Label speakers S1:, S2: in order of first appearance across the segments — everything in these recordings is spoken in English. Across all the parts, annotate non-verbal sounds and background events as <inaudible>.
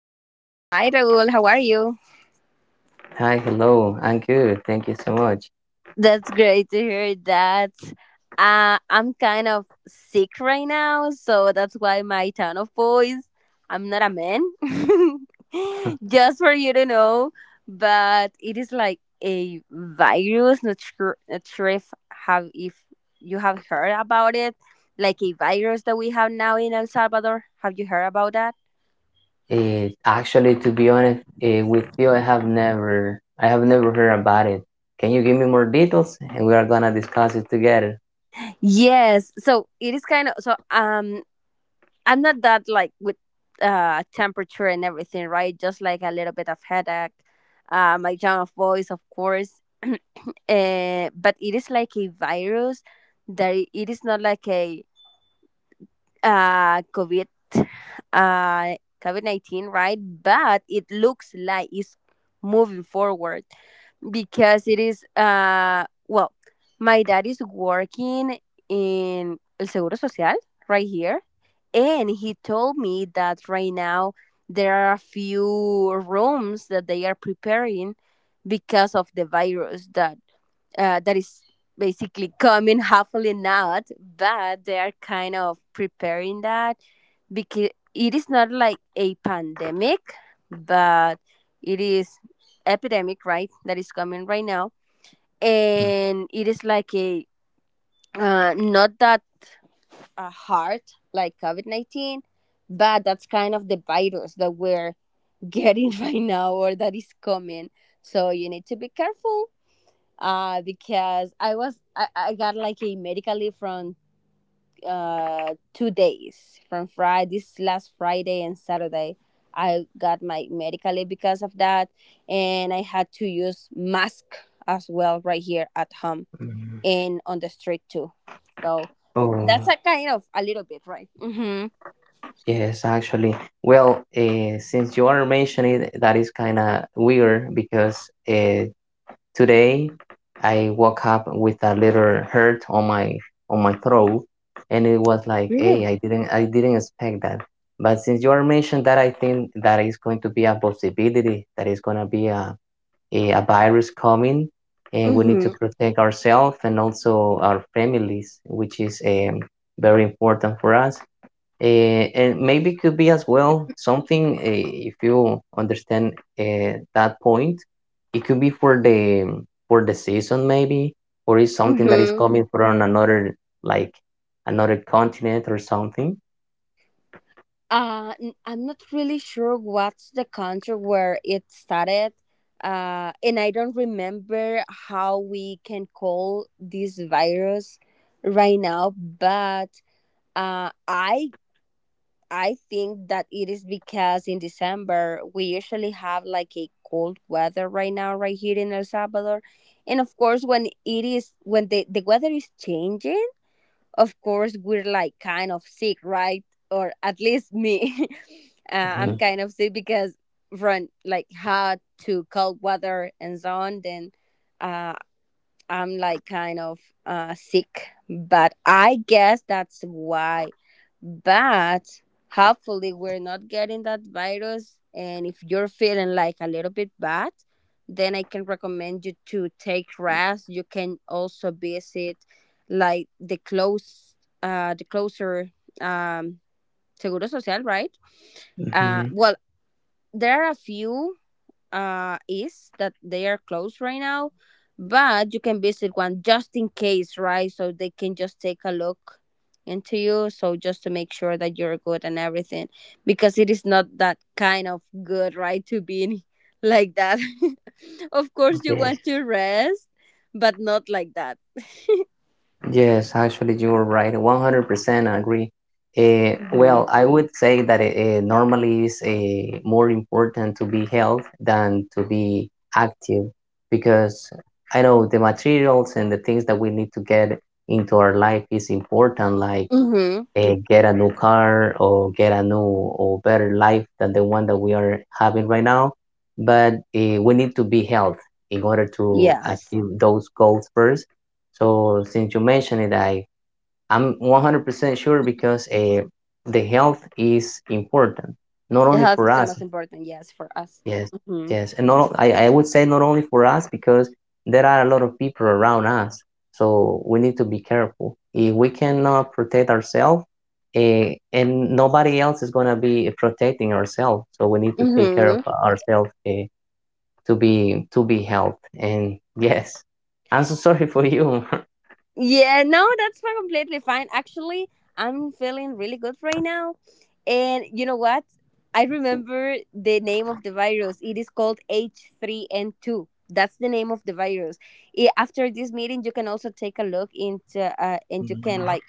S1: Hi, Raul. How are you?
S2: Hi, hello. I'm good. Thank you so much.
S1: That's great to hear that. I'm kind of sick right now, so that's why my tone of voice. I'm not a man. <laughs> Just for you to know, but it is like a virus. Not sure, not sure if you have heard about it, like a virus that we have now in El Salvador. Have you heard about that?
S2: It actually, to be honest, with you, I have never heard about it. Can you give me more details? And we are gonna discuss it together.
S1: Yes. So it is kind of so. I'm not that like with temperature and everything, right? Just like a little bit of headache, my tone of voice, of course. <clears throat> But it is like a virus that it is not like a COVID uh COVID 19, right? But it looks like it's moving forward because it is well, my dad is working in El Seguro Social right here, and he told me that right now there are a few rooms that they are preparing because of the virus that that is basically coming <laughs> hopefully not, but they are kind of preparing that because it is not like a pandemic, but it is epidemic, right, that is coming right now, and it is like a not that hard like COVID 19, but that's kind of the virus that we're getting <laughs> right now or that is coming. So you need to be careful, because I got like a medical leave from 2 days from Friday, this last Friday and Saturday. I got my medical leave because of that, and I had to use mask as well right here at home
S2: Mm,
S1: and on the street too. So that's
S2: Oh,
S1: a kind of a little bit, right? Mm-hmm.
S2: yes, actually. Since you are mentioning it, that is kind of weird because today, I woke up with a little hurt on my throat, and it was like,
S1: Really?
S2: hey, I didn't expect that. But since you are mentioned that, I think that is going to be a possibility that is going to be a virus coming, and we need to
S1: Mm-hmm.
S2: protect ourselves and also our families, which is very important for us. Uh, and maybe could be as well something if you understand that point, it could be for the season, maybe, or is something that is
S1: Mm-hmm.
S2: coming from another, like, another continent or something.
S1: I'm not really sure what's the country where it started. And I don't remember how we can call this virus right now, but uh, I I think that it is because in December we usually have like a cold weather right now right here in El Salvador, and of course when it is when the weather is changing, of course we're like kind of sick, right, or at least me. <laughs> I'm
S2: Mhm.
S1: kind of sick because from like hot to cold weather and so on, then uh, I'm like kind of sick, but I guess that's why. But hopefully, we're not getting that virus. And if you're feeling like a little bit bad, then I can recommend you to take rest. You can also visit like the the closer um, Seguro Social, right?
S2: Mhm.
S1: Well, there are a few is that they are closed right now, but you can visit one just in case, right? So they can just take a look into you. So just to make sure that you're good and everything, because it is not that kind of good, right? To be in like that. <laughs> Of course, you
S2: yes
S1: want to rest, but not like that.
S2: Yes, actually, you are right. 100% agree.
S1: Hmm.
S2: I would say that it normally is more important to be health than to be active, because I know the materials and the things that we need to get into our life is important, like
S1: Mm-hmm.
S2: get a new car or get a new or better life than the one that we are having right now. But we need to be healthy in order to
S1: Yes.
S2: achieve those goals first. So since you mentioned it, I'm 100% sure because the health is important, not
S1: The
S2: only
S1: health
S2: for
S1: is the
S2: us.
S1: most important, yes, for us.
S2: Yes,
S1: Mm-hmm.
S2: yes, and not, I would say not only for us, because there are a lot of people around us, so we need to be careful. If we cannot protect ourselves, and nobody else is gonna be protecting ourselves, so we need to take care of
S1: Mm-hmm.
S2: ourselves to be helped. And yes, I'm so <laughs> sorry for you. <laughs>
S1: Yeah, no, completely fine. Actually, I'm feeling really good right now. And you know what? I remember the name of the virus. It is called H3N2. That's the name of the virus. After this meeting, you can also take a look into and you can
S2: Mhm,
S1: like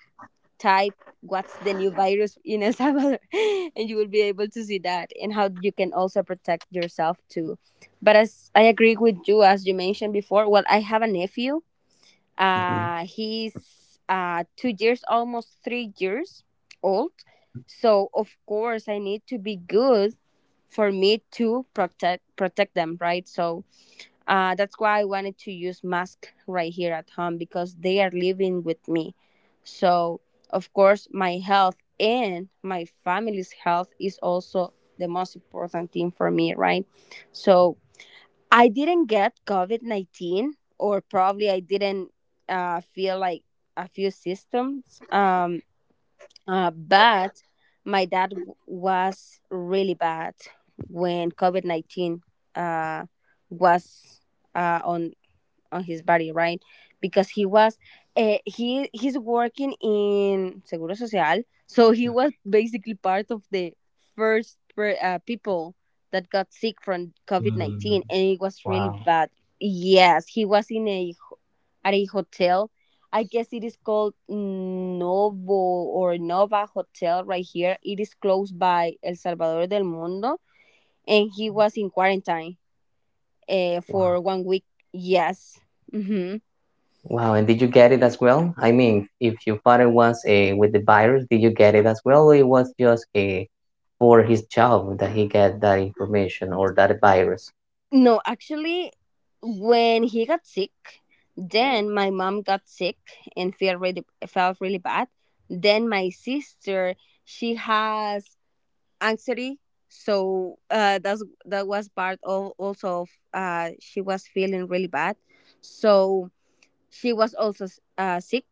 S1: type what's the new virus <laughs> in El Salvador, <laughs> and you will be able to see that and how you can also protect yourself too. But as I agree with you, as you mentioned before, well, I have a nephew,
S2: mhm.
S1: he's 2 years, almost 3 years old. So of course, I need to be good for me to protect them, right? So that's why I wanted to use mask right here at home because they are living with me. So of course, my health and my family's health is also the most important thing for me, right? So I didn't get COVID 19, or probably I didn't feel like a few systems. But my dad was really bad when COVID 19 uh, was uh, on on his body, right? Because he was he's working in Seguro Social, so he was basically part of the first people that got sick from COVID
S2: Mm,
S1: 19, and it was really
S2: Wow,
S1: bad. Yes, he was in a at a hotel. I guess it is called Novo or Nova Hotel right here. It is close by El Salvador del Mundo, and he was in quarantine
S2: wow.
S1: for 1 week. Yes. Mm-hmm.
S2: Wow, and did you get it as well? I mean, if your father was with the virus, did you get it as well, or it was just for his job that he got that information or that virus?
S1: No, actually, when he got sick, then my mom got sick and felt really bad. Then my sister, she has anxiety, so that was part of also of she was feeling really bad, so she was also sick.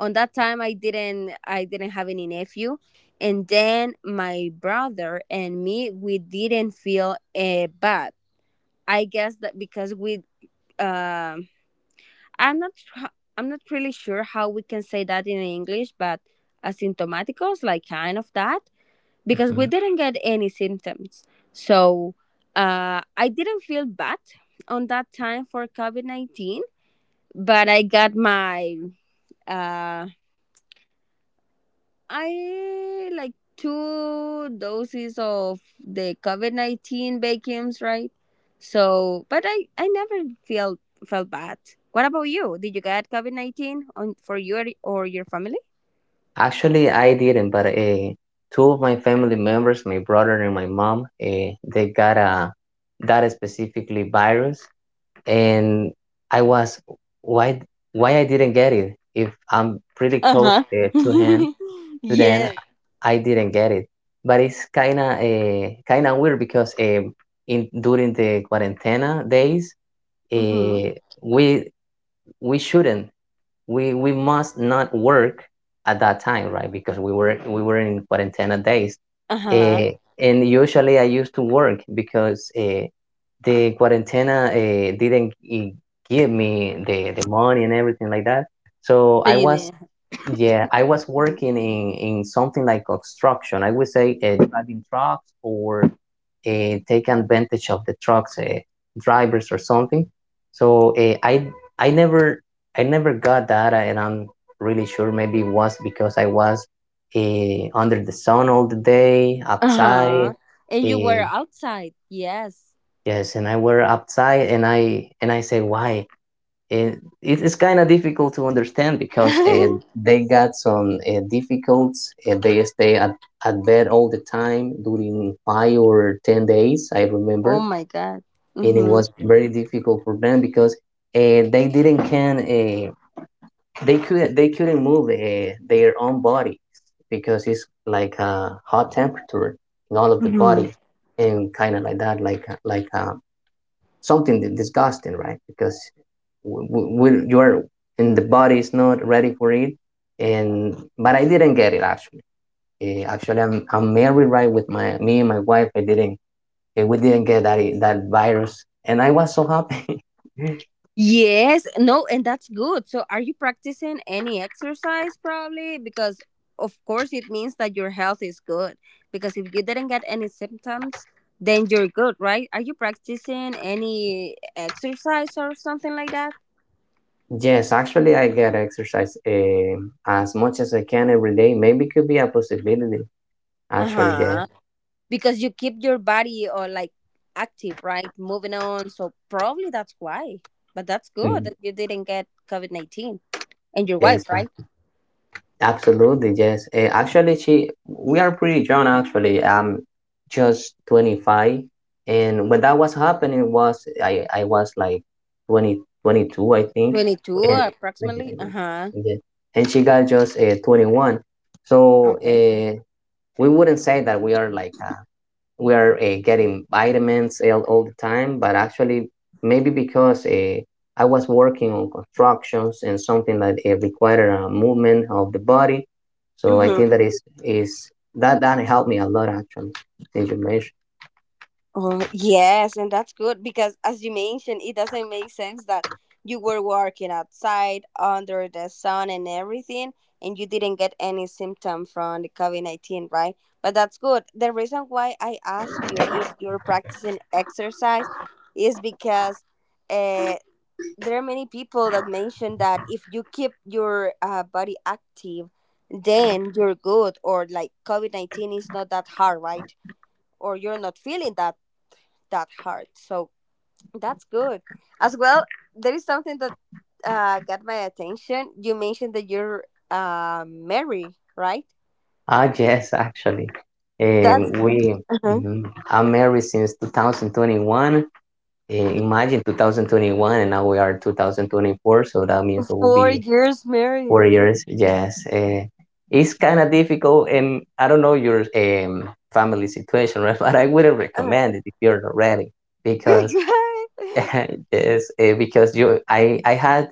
S1: On that time, I didn't have any nephew, and then my brother and me, we didn't feel bad. I guess that because um, I'm not, I'm not really sure how we can say that in English, but asymptomaticos, like kind of that, because we
S2: Mhm.
S1: didn't get any symptoms. So I didn't feel bad on that time for COVID 19, but I got my uh, I like two doses of the COVID 19 vacuums, right? So, but I never felt bad. What about you? Did you get COVID 19 on for you or your family?
S2: Actually, I didn't, but two of my family members, my brother and my mom, they got a that specifically virus, and I was why why I didn't get it if I'm pretty close
S1: Uh
S2: to him,
S1: huh. <laughs>
S2: to
S1: Yeah.
S2: then I didn't get it. But it's kind of weird, because in during the quarantena days,
S1: Mm-hmm.
S2: uh, we we shouldn't we we must not work at that time, right? Because we were in quarantena days,
S1: Uh huh.
S2: uh, and usually I used to work because the quarantena didn't give me the money and everything like that. So
S1: So
S2: I
S1: you
S2: was,
S1: need.
S2: yeah, I was working in something like construction. I would say driving trucks or take advantage of the trucks drivers or something. So uh, I I never I never got that, and I'm really sure maybe it was because I was under the sun all the day
S1: Uh
S2: outside.
S1: huh. And you
S2: Uh,
S1: were outside. Yes.
S2: yes, and I were outside, and I say why it is kind of difficult to understand because
S1: <laughs> Oh
S2: they got some difficulties. They stay at bed all the time during 5 or 10 days, I remember,
S1: my god.
S2: and it
S1: Mm-hmm.
S2: was very difficult for them because they didn't can uh, they couldn't move their own body because it's like a hot temperature in all of the
S1: Mm-hmm.
S2: body and kind of like that, like something disgusting, right? Because w- w- your and the body is not ready for it. And but I didn't get it, actually. Actually, I'm married, right? With my, me and my wife, I didn't, we didn't get that that virus, and I was so happy.
S1: Yes, no, and that's good. So, are you practicing any exercise probably? Because, of course, it means that your health is good. Because if you didn't get any symptoms, then you're good, right? Are you practicing any exercise or something like that?
S2: <laughs> Yes, actually, I get exercise as much as I can every day. Maybe could be a possibility,
S1: Uh
S2: actually. Yes.
S1: huh. Because you keep your body or like active, right? Moving on. So, probably that's why. But that's good
S2: Mm,
S1: that you didn't get COVID 19. And your
S2: yes.
S1: wife, right?
S2: Absolutely, yes. Eh, actually, she we are pretty young. Actually, I'm just 25, and when that was happening, was I was like 2022, I think,
S1: 22
S2: and
S1: approximately. Uh huh.
S2: yeah. And she got just 21. So
S1: Okay.
S2: we wouldn't say that we are like a, we are getting vitamins all the time, but actually maybe because I was working on constructions and something that it required a movement of the body, so I
S1: Mm.
S2: think that is that that helped me a lot, actually. Did you mention?
S1: Oh, yes, and that's good because, as you mentioned, it doesn't make sense that you were working outside under the sun and everything, and you didn't get any symptom from the COVID 19, right? But that's good. The reason why I asked you if you're practicing exercise is because uh, there are many people that mention that if you keep your body active, then you're good, or like COVID 19 is not that hard, right? Or you're not feeling that hard. So that's good. As well, there is something that got my attention. You mentioned that you're married, right?
S2: Ah, yes, actually,
S1: That's
S2: we
S1: uh
S2: mhm. I'm married since 2021. Imagine 2021, and now we are 2024, so that means it will
S1: four
S2: be
S1: years
S2: Four
S1: married.
S2: years, yes. It's kind of difficult, and I don't know your family situation, right? <laughs> But I wouldn't
S1: Uh,
S2: recommend it if you're not ready,
S1: <laughs>
S2: because
S1: uh-huh.
S2: <laughs> yes, because you, I had,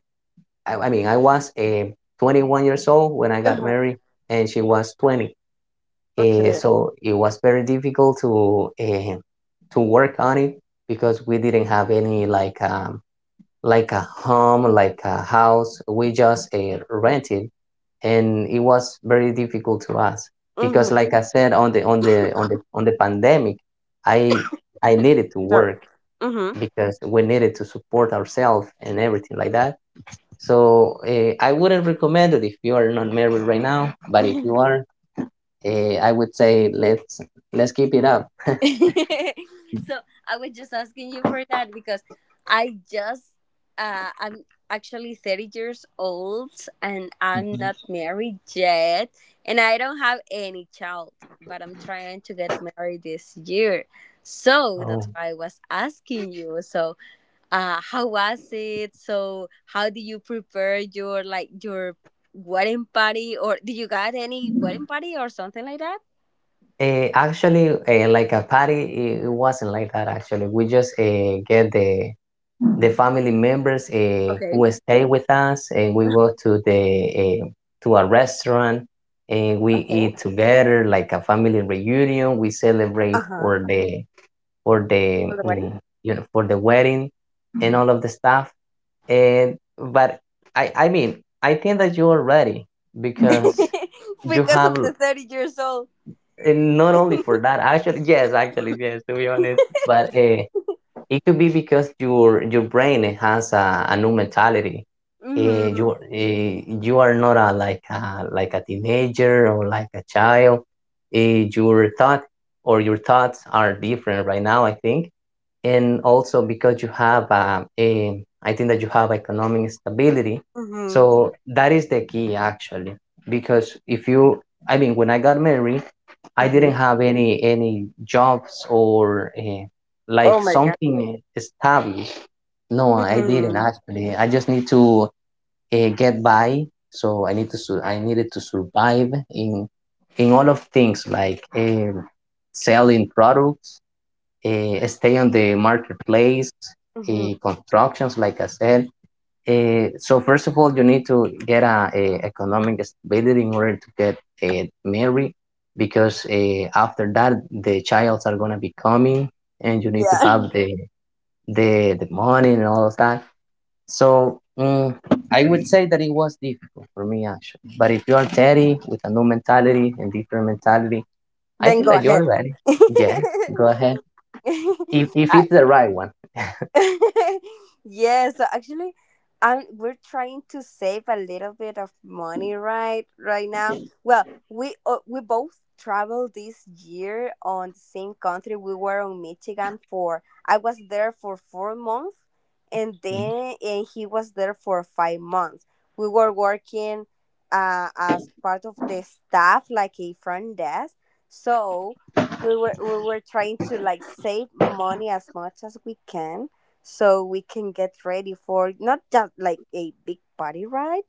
S2: I mean, I was 21 years old when I got married, and she was 20.
S1: Okay.
S2: So it was very difficult to work on it because we didn't have any, like, like a home, like a house. We just rented, and it was very difficult to us because,
S1: Mm-hmm.
S2: like I said, on the on the on the pandemic, I I needed to
S1: Sorry.
S2: work because we needed to support ourselves and everything like that. So I wouldn't recommend it if you are not married right now, but if you
S1: Mm-hmm. <laughs>
S2: are, I would say let's keep it up.
S1: <laughs> So I was just asking you for that because I just I'm actually 30 years old and I'm not married yet, and I don't have any child, but I'm trying to get married this year. So that's
S2: Mhm.
S1: why I was asking you. So how was it? So how do you prepare your wedding party, or do you got any wedding party or something like that?
S2: Like a party, it wasn't like that. Actually, we just get the family members
S1: Okay.
S2: who stay with us, and we go to the uh, to a restaurant, and we
S1: Okay.
S2: eat together like a family reunion. We celebrate
S1: Uh-huh.
S2: for
S1: For
S2: the
S1: the wedding.
S2: you know for the wedding and all of the stuff. And but I mean I think that you are ready because
S1: <laughs>
S2: you
S1: Because
S2: have,
S1: of the 30 years old.
S2: and not only for
S1: <laughs>
S2: that, actually. Yes, actually, yes, to be honest, but it could be because your brain has a new mentality.
S1: Hmm
S2: You you are not a, like a, like a teenager or like a child, your thought or your thoughts are different right now, I think. And also because you have I think that you have economic stability,
S1: hmm
S2: so that is the key, actually. Because if you, I mean, when I got married, I
S1: hmm.
S2: didn't have any jobs or
S1: Oh
S2: like
S1: my god.
S2: something established. No, I didn't,
S1: Hmm
S2: actually. I just need to get by. So I need to I needed to survive in all of things, like selling products, stay on the marketplace,
S1: hmm.
S2: constructions, like I said, so first of all, you need to get a economic stability in order to get married, because after that the childs are gonna be coming, and you need to have
S1: Yeah.
S2: the money and all of that. So I would say that it was difficult for me, actually. But if you are Terry with a new mentality and different mentality,
S1: <laughs>
S2: I
S1: Then
S2: think
S1: go
S2: that you're
S1: ahead.
S2: ready. Yeah, go ahead. If
S1: <laughs> I,
S2: it's the right one.
S1: <laughs> yeah, so actually, we're trying to save a little bit of money right now. Well, we both traveled this year on the same country. We were on Michigan for I was there for 4 months, and then and he was there for 5 months. We were working as part of the staff, like a front desk. So we were trying to like save money as much as we can so we can get ready for not just like a big party ride,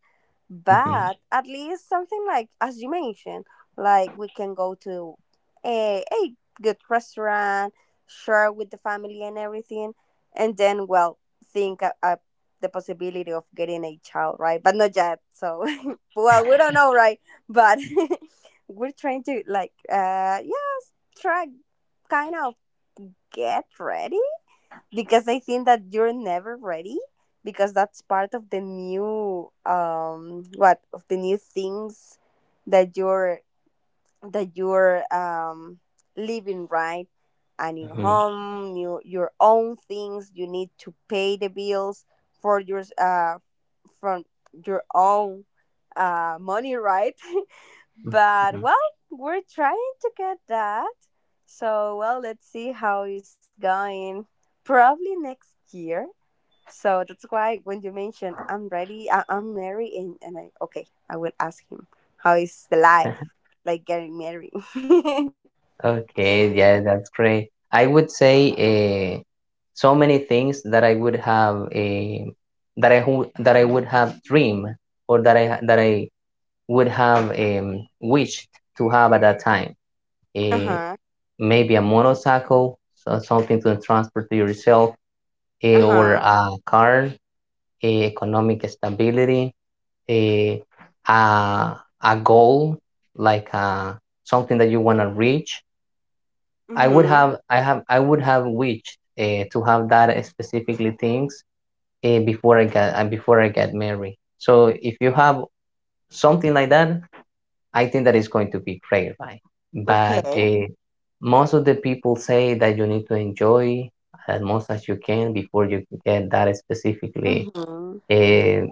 S2: Mm-hmm.
S1: but at least something like as you mentioned, like we can go to a good restaurant, share with the family and everything, and then well think the possibility of getting a child, right? But not yet. So <laughs> well, we don't know, right? But <laughs> we're trying to like yes, try kind of get ready because I think that you're never ready because that's part of the new what of the new things that you're living, right, a new home, new your own things, you need to pay the bills for your from your own money, right. <laughs> But well, we're trying to get that. So well, let's see how it's going. Probably next year. So that's why when you mentioned I'm ready, I'm married, and I okay, I will ask him how is the life like getting married. <laughs>
S2: Okay, yeah, that's great. I would say so many things that I would have a that I wou- that I would have dreamed or that I ha- that I would have wished to have at that time.
S1: Uh huh.
S2: Eh, Maybe a motorcycle, so something to transport to yourself,
S1: Uh huh.
S2: or a car, economic stability, eh, a a goal, like something that you want to reach.
S1: Mhm.
S2: I would have wished to have that specifically things before I get married. So if you have something like that, I think that is going to be great, right? But
S1: Okay.
S2: most of the people say that you need to enjoy as much as you can before you get that specifically
S1: Mhm.
S2: uh,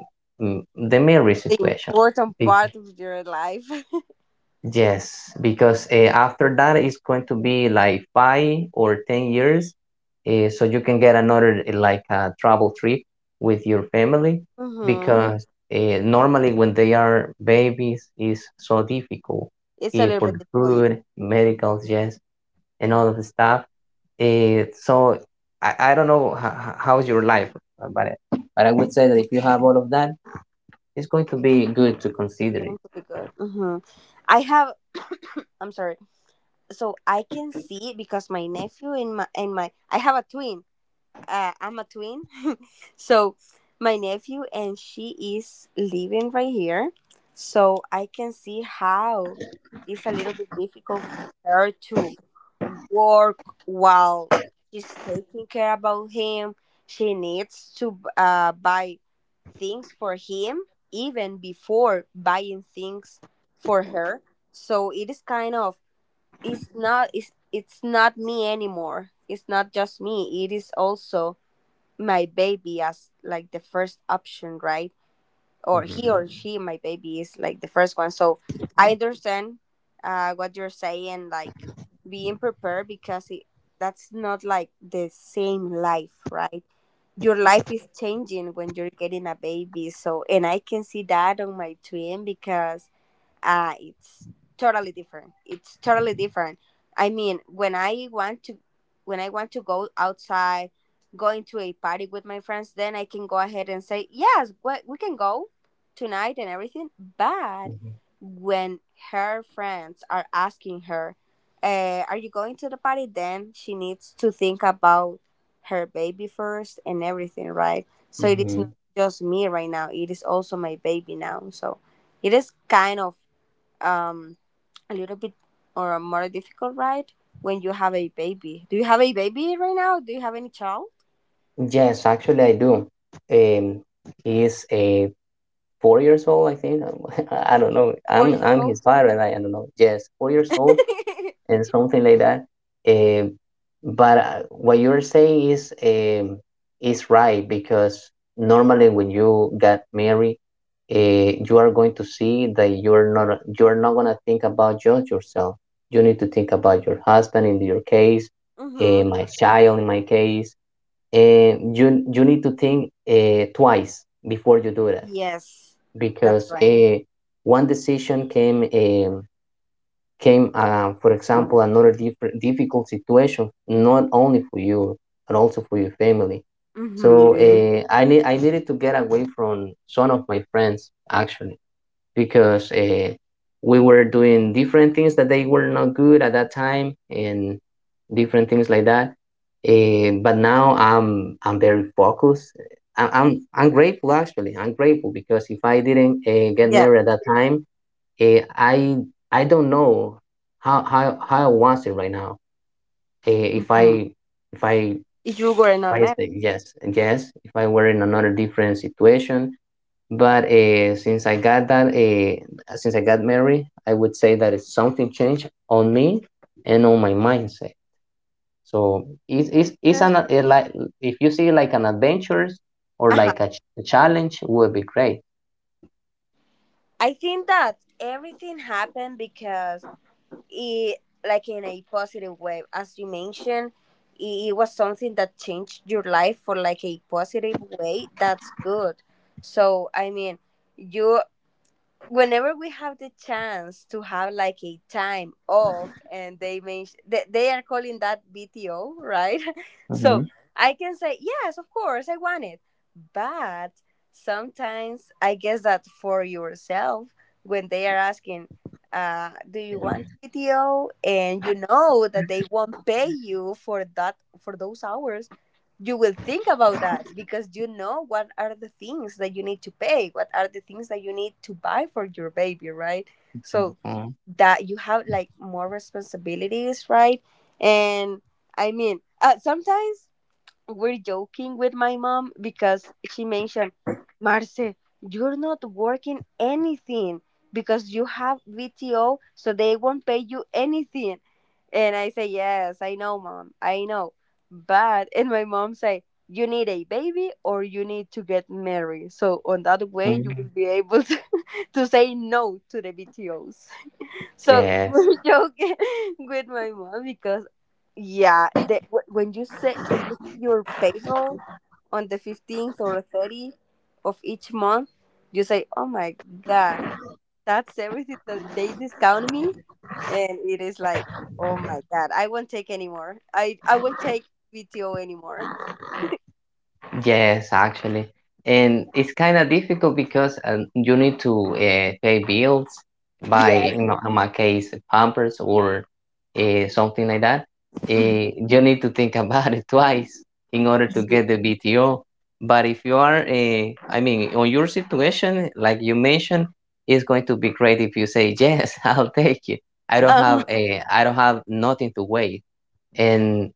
S2: the marriage
S1: The
S2: situation.
S1: important part of your life. <laughs>
S2: Yes, because after that it's going to be like 5 or 10 years, so you can get another like a travel trip with your family. Mm.
S1: Mhm.
S2: Because normally when they are babies is so difficult
S1: It's a little
S2: for
S1: bit
S2: the
S1: difficult. Yes.
S2: food, medicals, yes, and all of the stuff. So I don't know how, how's your life, uh, but but I would say that if you have all of that, it's going to be good to consider
S1: Going
S2: it.
S1: to be good. Mhm. I have. I'm sorry. So I can see it because my nephew and my I have a twin. I'm a twin, <laughs> so my nephew and she is living right here, so I can see how it's a little bit difficult for her to work while she's taking care about him. She needs to buy things for him even before buying things for her. So it is it's not me anymore, it's not just me, it is also my baby as like the first option, right? Or he
S2: Mhm.
S1: or she, my baby is like the first one. So I understand what you're saying, like being prepared, because that's not like the same life, right? Your life is changing when you're getting a baby. So and I can see that on my twin because it's totally different. It's totally different. I mean, when I want to go outside, going to a party with my friends, then I can go ahead and say yes, we can go tonight and everything. But
S2: Mhm.
S1: when her friends are asking her, "Are you going to the party?" then she needs to think about her baby first and everything, right? So it is not
S2: Mhm.
S1: just me right now; it is also my baby now. So it is kind of um, a little bit or a more difficult ride when you have a baby. Do you have a baby right now? Do you have any child?
S2: Yes, actually, I do. Um, he is a 4 years old, I think. <laughs> I don't know.
S1: Four
S2: I'm
S1: years
S2: I'm his
S1: old.
S2: father. And I don't know. Yes, 4 years
S1: <laughs>
S2: old and something like that. Um, but what you're saying is right because normally when you get married, uh, you are going to see that you're not gonna think about just yourself. You need to think about your husband in your case,
S1: Mm-hmm.
S2: my child in my case, you need to think twice before you do that
S1: Yes, that's
S2: because
S1: right.
S2: one decision came for example another different difficult situation, not only for you but also for your family. So
S1: Mm-hmm.
S2: I needed to get away from some of my friends actually because we were doing different things that they were not good at that time and different things like that. But now I'm very focused. I'm grateful actually. I'm grateful because if I didn't get
S1: Yeah.
S2: married at that time, uh, I I don't know how I want it right now. Uh, if
S1: Mhm.
S2: I if I
S1: If you were not
S2: if I
S1: married.
S2: say yes, if I were in another different situation, but since I got that, since I got married, I would say that it's something changed on me and on my mindset. So it's an it like if you see like an adventure or
S1: Uh-huh.
S2: like a, a challenge, would be great.
S1: I think that everything happened because it, like in a positive way, as you mentioned, it was something that changed your life for like a positive way. That's good. So I mean, you, whenever we have the chance to have like a time off, and they mention, they are calling that BTO, right? <laughs> So I can say yes, of course I want it. But sometimes I guess that for yourself, when they are asking, do you want BTO, and you know that they won't pay you for that, for those hours, you will think about that because you know what are the things that you need to pay, what are the things that you need to buy for your baby, right? So that you have like more responsibilities, right? And I mean, sometimes we're joking with my mom because she mentioned, Marce, you're not working anything because you have VTO, so they won't pay you anything. And I say, Yes, I know, mom, I know. But, and my mom say, You need a baby or you need to get married. So, on that way, you
S2: Mhm.
S1: will be able to, <laughs> to say no to the VTOs. So <laughs>
S2: Yes.
S1: we're joking with my mom because yeah, when you say when you see your payroll on the 15th or 30 of each month, you say, "Oh my god, that's everything that they discount me," and it is like, "Oh my god, I won't take anymore. I won't take VTO anymore."
S2: Yes, actually. And it's kind of difficult because you need to pay bills by,
S1: Yes. <laughs>
S2: in my case, Pampers or something like that.
S1: Mhm.
S2: You need to think <laughs> about it twice in order to
S1: Yeah.
S2: get the BTO. But if you are, I mean, on your situation, like you mentioned, it's going to be great if you say, yes, <laughs> I'll take it. I don't
S1: Uh,
S2: have a, I don't have nothing to wait. And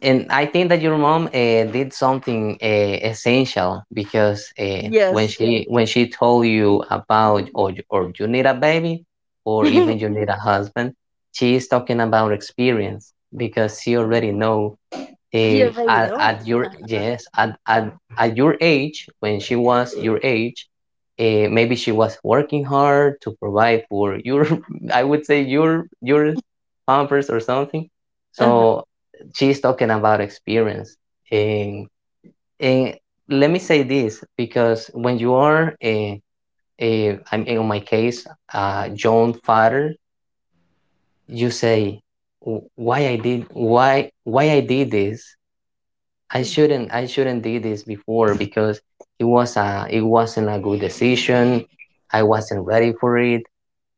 S2: and I think that your mom did something essential because when
S1: yes.
S2: she when she told you about, or or you need a baby
S1: <laughs>
S2: or
S1: She
S2: even you need a husband, she is talking about experience because she already know
S1: already knows.
S2: at your yes at your age, when she was your age, maybe she was working hard to provide for your, <laughs> I would say your Pampers or something.
S1: Uh-huh.
S2: So she's talking about experience, and, and let me say this because when you are a, I'm in my case, a young father, you say, Why I did, why I did this? I shouldn't, I shouldn't do this before because it was a, it wasn't a good decision. I wasn't ready for it,"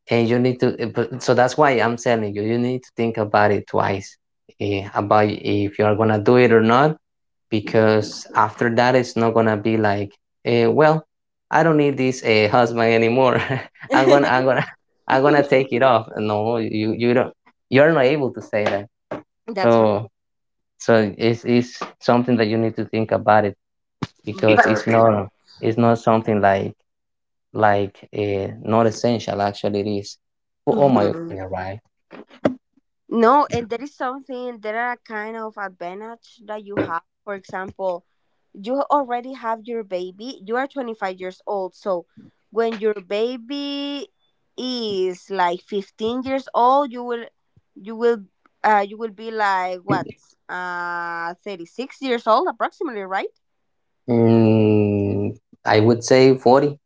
S2: and you need to. So that's why I'm telling you, you need to think about it twice, about if you are gonna do it or not, because after that it's not gonna be like, well, I don't need this husband anymore. <laughs> I'm gonna I'm
S1: <laughs>
S2: gonna <laughs> I'm gonna take it off. No, you don't. You're not able to say that.
S1: That's right.
S2: So so it's something that you need to think about, it
S1: But-
S2: because
S1: Because-
S2: it's not something like not essential. Actually it is, for all my
S1: Mhm.
S2: opinion, right?
S1: No, and there is something, there are kind of advantage that you have. For example, you already have your baby. You are 25 years old. So when your baby is like 15 years old, you will, you will be like what, 36 years old approximately, right?
S2: mm, I would say 40,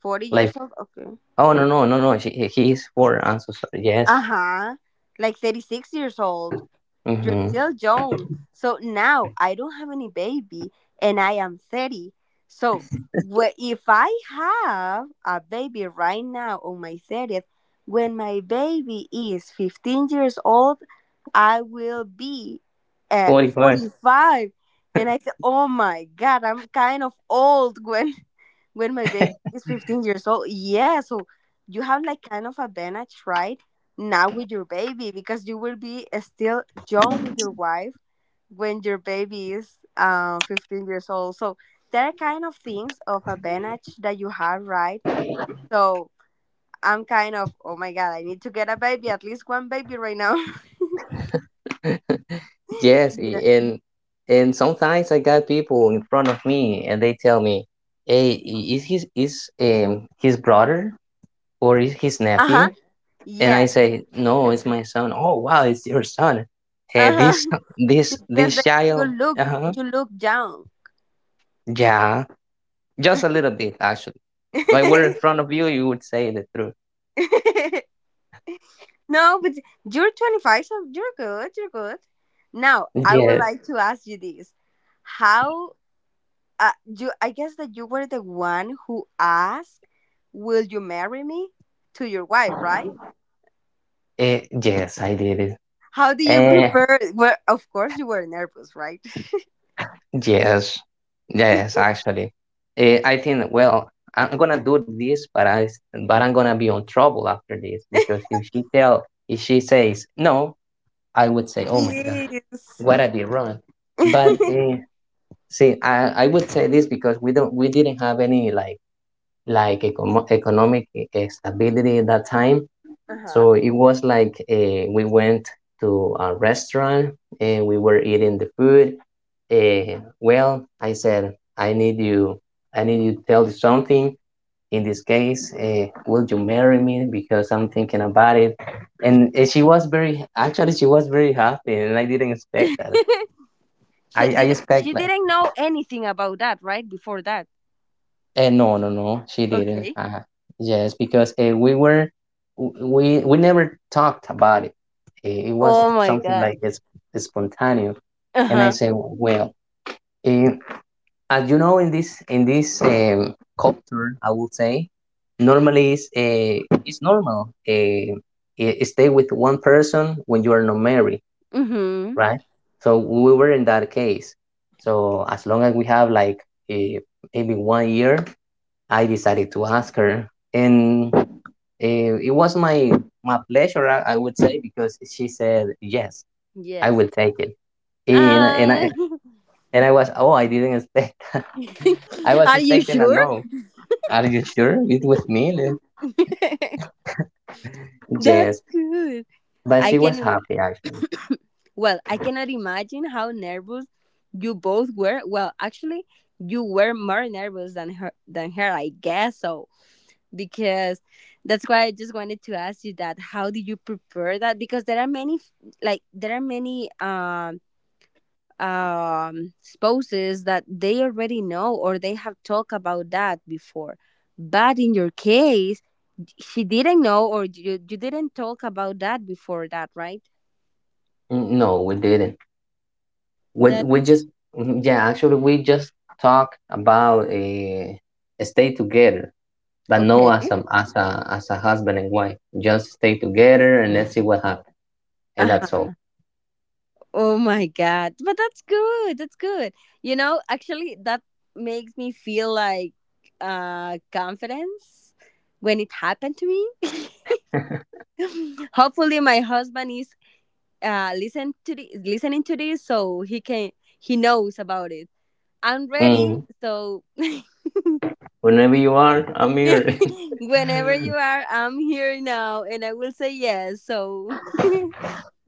S1: 40
S2: like,
S1: years old. Okay.
S2: oh no no no no, she, he is 4. I'm so sorry. Yes.
S1: Uh huh. Like 36 years old. You're
S2: Mm-hmm.
S1: still young. So now I don't have any baby and I am 30. So if I have a baby right now on my 30th, when my baby is 15 years old, I will be at
S2: 45.
S1: 45. And I said, oh my God, I'm kind of old when." when my baby is 15 years old. Yeah, so you have like kind of advantage right now with your baby because you will be still young with your wife when your baby is 15 years old. So there are kind of things of advantage that you have, right? So I'm kind of oh my god, I need to get a baby, at least one baby, right now. <laughs>
S2: <laughs> yes,
S1: Yeah.
S2: and and sometimes I got people in front of me and they tell me, "Hey, is his, is his brother or is his
S1: Uh-huh.
S2: nephew?" And
S1: Yeah.
S2: I say, "No, it's my son." "Oh, wow, it's your son. Hey, this
S1: Uh-huh. <laughs>
S2: this
S1: Because
S2: this
S1: then you
S2: child."
S1: look,
S2: Uh huh.
S1: you look down.
S2: Yeah, just a little bit actually. If I were in front of you, you would say the truth.
S1: <laughs> No, but you're 25, so you're good. You're good. Now, I would
S2: Yes.
S1: like to ask you this: How you? I guess that you were the one who asked, "Will you marry me?" to your wife, right?
S2: Yes, I did it.
S1: How do you
S2: Eh,
S1: prepare? Well, of course, you were nervous, right? <laughs>
S2: yes, yes, actually. I think, well, I'm gonna do this, but I'm gonna be on trouble after this, because if she tell, if she says no, I would say, "Oh my God,
S1: Yes.
S2: what I did wrong?"
S1: <laughs>
S2: But
S1: Uh-huh.
S2: see, I would say this because we didn't have any like economic stability at that time. So it was like we went to a restaurant and we were eating the food. Well, I said, "I need you. I need you to tell you something. In this case, will you marry me? Because I'm thinking about it." And she was, very actually, she was very happy, and I didn't expect that.
S1: <laughs> She
S2: I
S1: did.
S2: expect
S1: She
S2: like.
S1: didn't know anything about that, right? Before that.
S2: No, no, no, she didn't.
S1: Okay.
S2: Yes, because we were, we never talked about it. It was
S1: Oh my
S2: something
S1: god.
S2: like it's spontaneous.
S1: Uh
S2: And I
S1: huh.
S2: said, well, eh, as you know, in this, culture, I would say, normally it's it's normal. Stay with one person when you are not married,
S1: Mm hmm.
S2: right? So we were in that case. So as long as we have like maybe 1 year, I decided to ask her, and it was my my pleasure, I would say, because she said yes, I
S1: Yes.
S2: will take it, and and I
S1: Uh <laughs>
S2: and I was, oh, I didn't expect, <laughs> I
S1: <laughs>
S2: was
S1: Are you
S2: expecting a
S1: sure?
S2: no. Are you sure it was me?
S1: <laughs> That's
S2: Yes,
S1: good.
S2: but
S1: I
S2: she
S1: can
S2: was
S1: imagine.
S2: happy actually.
S1: <coughs> Well, I cannot imagine how nervous you both were. Well, actually, you were more nervous than her, I guess so. Because that's why I just wanted to ask you that. How did you prepare that? Because there are many, like there are many spouses that they already know or they have talked about that before. But in your case, she didn't know, or you didn't talk about that before that, right?
S2: Mm. No, we didn't. We
S1: That
S2: we just yeah, actually we just talk about a stay together, but no as
S1: okay.
S2: a, as a husband and wife. Just stay together and let's see what happens, and that's
S1: Uh-huh.
S2: all.
S1: Oh my god. But that's good. That's good. You know, actually that makes me feel like confidence when it happened to me.
S2: <laughs>
S1: <laughs> Hopefully my husband is listening to this, so he can, he knows about it. I'm ready.
S2: Mm.
S1: So <laughs>
S2: Whenever you want a meal,
S1: <laughs>
S2: <laughs>
S1: Whenever you are, I'm here now and I will say yes. So,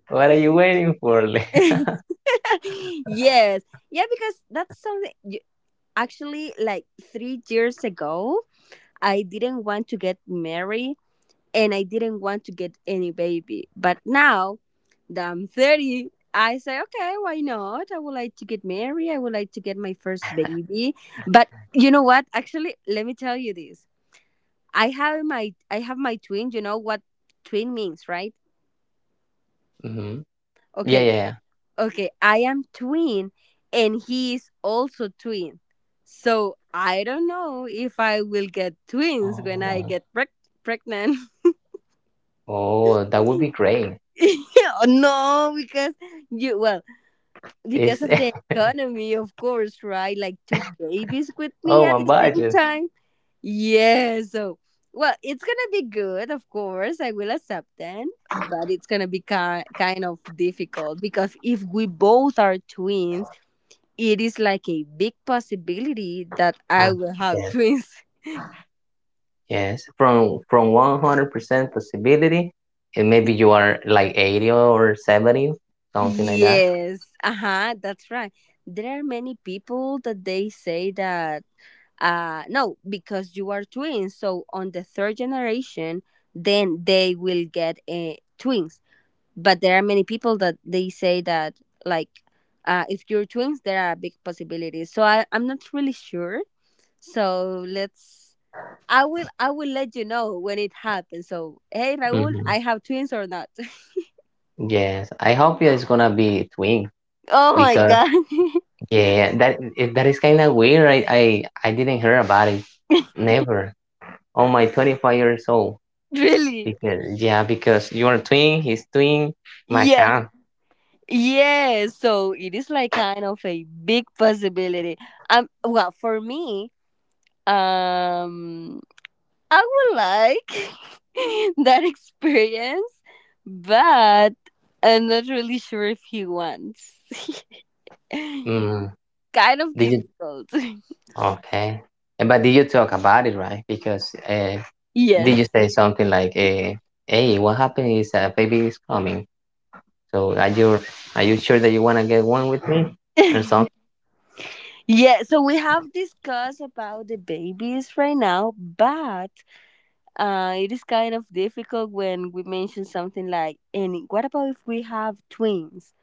S2: what are you waiting for? <laughs>
S1: <laughs> yes. Yeah, because that's something you, actually like 3 years ago, I didn't want to get married and I didn't want to get any baby. But now that I'm 30, I say, okay, why not? I would like to get married. I would like to get my first baby. But you know what? Actually, let me tell you this. I have my twin. You know what twin means, right?
S2: mm-hmm. Yeah,
S1: Okay,
S2: yeah, yeah.
S1: okay. I am twin, and he is also twin. So I don't know if I will get twins when I
S2: Oh,
S1: get pregnant.
S2: oh, that would be great.
S1: <laughs> No, because you, well, because
S2: It's,
S1: of the economy, of course, right? Like two babies
S2: <laughs>
S1: with me
S2: oh
S1: at
S2: my
S1: the same
S2: budget.
S1: time. Yeah, so well, it's gonna be good, of course. I will accept then, but it's gonna be kind of difficult because if we both are twins, it is like a big possibility that I
S2: Ah,
S1: will have
S2: yes,
S1: twins. <laughs>
S2: yes. From 100% possibility, and maybe you are like 80 or 70, something like that.
S1: Yes, uh huh, that's right. There are many people that they say that, no, because you are twins, so on the third generation, then they will get twins. But there are many people that they say that, like if you're twins there are big possibilities. So I'm not really sure, so let's, I will let you know when it happens. So hey Raul,
S2: Hmm.
S1: I have twins or not?
S2: Yes, I hope it's gonna be twin
S1: <laughs> Oh my
S2: because
S1: god.
S2: yeah, that that is kind of weird. I didn't hear about it. Never. On my 25 years old.
S1: <laughs> Really.
S2: Because, yeah, because you are twin, he's twin. My
S1: Yeah,
S2: God.
S1: yeah, so it is like kind of a big possibility. For me, um I would like <laughs> that experience, but I'm not really sure if he wants. <laughs>
S2: Mm,
S1: Kind of
S2: did you?
S1: difficult.
S2: Okay. But did you talk about it, right? Because
S1: <laughs>
S2: did you
S1: Yes.
S2: say something like, "Hey, what happened is a baby is coming. So are you sure that you want to get one with me?" Or
S1: <laughs>
S2: something?
S1: Yeah, so we have discussed about the babies right now, but it is kind of difficult when we mention something like, and what about if we have twins?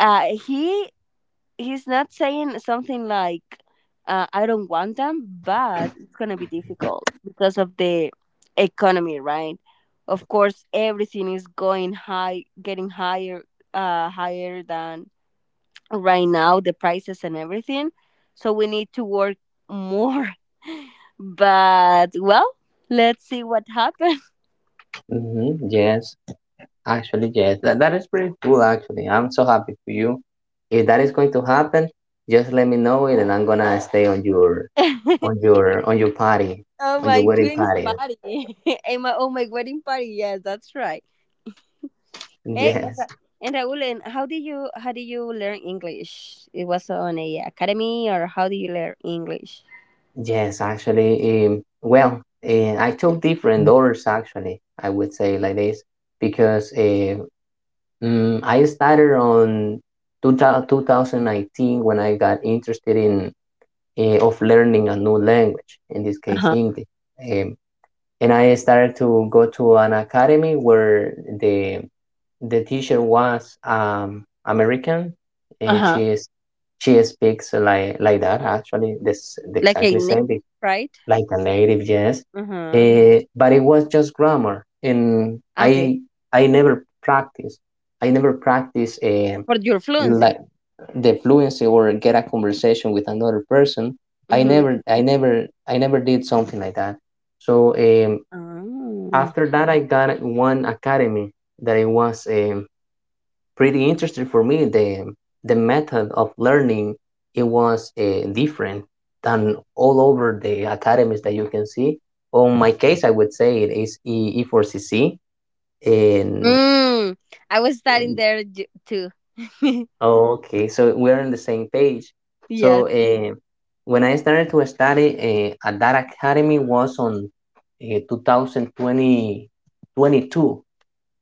S1: Uh, he he's not saying something like I don't want them, but it's going to be difficult because of the economy, right? Of course everything is going high, getting higher, higher than right now, the prices and everything, so we need to work more. <laughs> But well, let's see what happens.
S2: Hmm. Yes, actually, yes. That is pretty cool. Actually, I'm so happy for you. If that is going to happen, just let me know it, and I'm gonna stay on your,
S1: <laughs> Oh
S2: on your party, on your
S1: my
S2: wedding
S1: twins
S2: party.
S1: party. <laughs> And my, oh my wedding party. Yes, that's right. Hey, and
S2: Yes,
S1: Raul, and how did you learn English? It was on a academy, or how do you learn English?
S2: yes, actually. I took different orders actually, I would say like this because I started on 2000, 2019, when I got interested in of learning a new language, in this
S1: Uh
S2: case
S1: huh.
S2: Hindi. um, and I started to go to an academy where the The teacher was American,
S1: Uh
S2: and she
S1: huh.
S2: is, she speaks like that actually, this, the
S1: Like a
S2: exactly
S1: native,
S2: same,
S1: right?
S2: like a native, yes.
S1: Uh huh.
S2: But it was just grammar, and
S1: Okay,
S2: I never practice. I never practice
S1: for your fluency.
S2: like the fluency or get a conversation with another person. I
S1: Mm-hmm.
S2: never I never I never did something like that. So
S1: Oh.
S2: after that, I got one academy that it was pretty interesting for me, the method of learning. It was different than all over the academies that you can see. On my case I would say it is e4cc. and,
S1: Mm. I was studying
S2: and-
S1: there too. <laughs>
S2: okay, so we're on the same page.
S1: Yes.
S2: So when I started to study at that academy was on 2020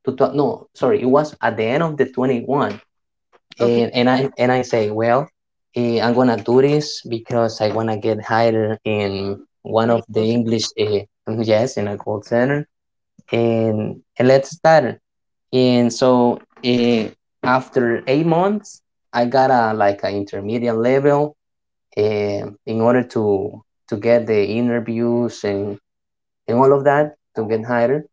S2: to, no sorry, it was at the end of the 21,
S1: Okay.
S2: and I say, well, I'm gonna do this because I wanna get hired in one
S1: On a
S2: of the
S1: call center.
S2: English, <laughs> yes, in a call center, and let's start. And so uh, after 8 months, I got a like an intermediate level in order to get the interviews and all of that to get hired.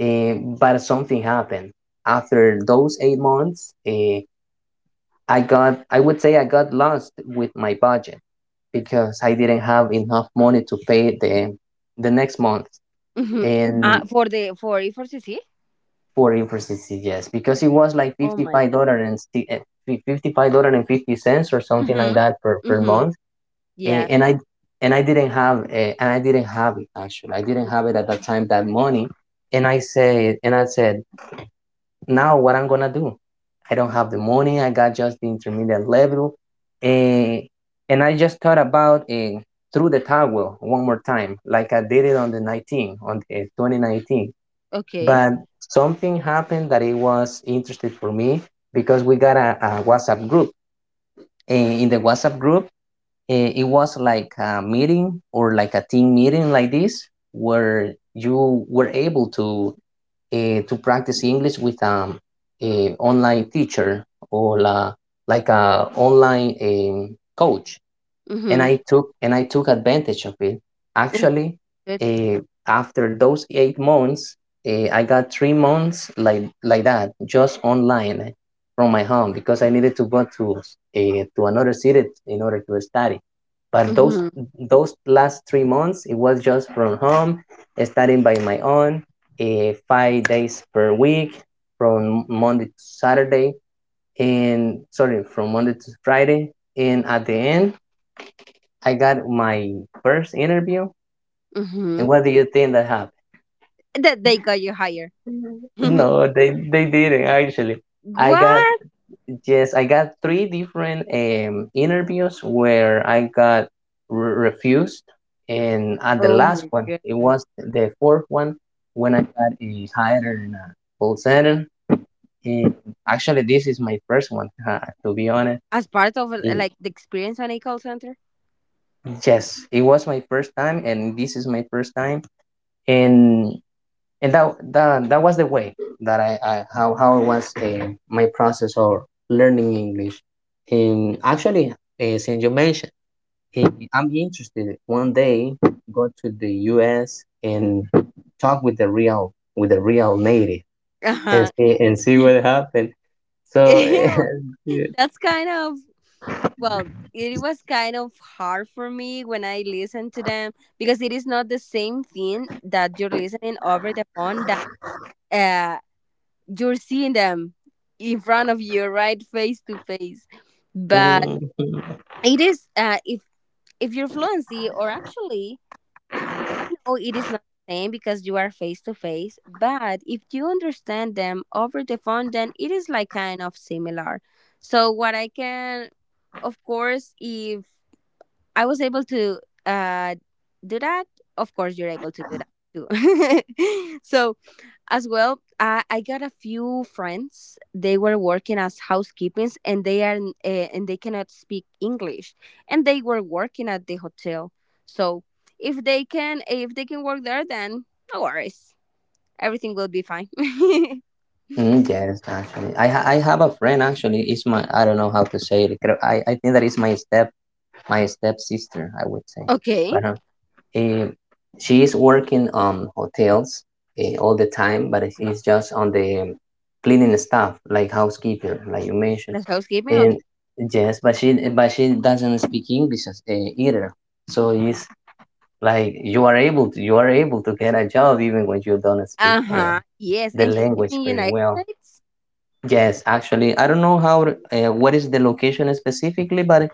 S2: But something happened after those 8 months. I got, I would say I got lost with my budget because I didn't have enough money to pay the next month
S1: Mm-hmm.
S2: and
S1: For the for E4CC.
S2: for infrastructure, yes, because it was like
S1: Oh
S2: fifty
S1: my
S2: five
S1: god.
S2: dollar and $55 and 50 cents or something like
S1: Mm-hmm.
S2: that per, per
S1: Mm-hmm.
S2: month, A-
S1: Yes.
S2: and I and I didn't have and I didn't have it actually. I didn't have it at that time, that money, and I say, and I said, now what I'm gonna do? I don't have the money. I got just the intermediate level, eh, and I just thought about through the towel one more time, like I did it on the 19, on the 2019.
S1: Okay.
S2: But something happened that it was interesting for me, because we got a WhatsApp group. In the WhatsApp group, it was like a meeting or like a team meeting like this, where you were able to to practice English with a online teacher or like a online coach, and
S1: Mm-hmm.
S2: I took and I took advantage of it.
S1: <laughs>
S2: Actually,
S1: Good.
S2: uh, after those 8 months, I got 3 months like that, just online from my home, because I needed to go to another city in order to study. But those
S1: Mm-hmm.
S2: those last 3 months, it was just from home, studying by my own, 5 days per week, from Monday to Saturday, and sorry, from Monday to Friday. And at the end, I got my first interview, and
S1: Mm-hmm.
S2: what do you think that happened? <laughs>
S1: That they got you higher. <laughs>
S2: No, they didn't, actually. I got,
S1: What?
S2: yes, I got three different interviews where I got refused, and at the
S1: Oh
S2: last
S1: my
S2: one, it
S1: god!
S2: was the fourth one when I got hired in a call center. And actually, this is my first one. <laughs> To be honest,
S1: As part of
S2: It-
S1: like the experience on a call center.
S2: yes, it was my first time, and this is my first time, and and that was the way that I, how it was, my process of learning English. And actually, since you mentioned, I'm interested one day go to the U.S. and talk with the real, with the real native,
S1: Uh
S2: and
S1: huh.
S2: see, and see what
S1: <laughs>
S2: happened. So
S1: Ew.
S2: <laughs> yeah.
S1: That's kind of, well, it was kind of hard for me when I listened to them because it is not the same thing that you're listening over the phone that uh you're seeing them in front of you, right, face to face. But
S2: Mhm.
S1: it is if your fluency, or actually I know it is not the same because you are face to face, but if you understand them over the phone, then it is like kind of similar. So, what I can, of course, if I was able to uh, do that, of course, you're able to do that too. <laughs> So, as well, I got a few friends. They were working as housekeepings, and they cannot speak English, and they were working at the hotel. So if they can work there, then no worries, everything will be fine. <laughs>
S2: Mm, yes, actually, I I have a friend. Actually, it's my, I don't know how to say it. I think that is my step, my step sister, I would say.
S1: Okay,
S2: But eh, she is working on hotels all the time, but she's just on the cleaning staff, like housekeeper, like you mentioned.
S1: the housekeeping.
S2: And
S1: Okay.
S2: yes, but she, but she doesn't speak English, either. So it's like you are able to, you are able to get a job even when you don't speak
S1: Uh-huh. Yes.
S2: the
S1: And she's
S2: language
S1: in
S2: very
S1: United
S2: well.
S1: States.
S2: Yes, actually, I don't know how, what is the location specifically, but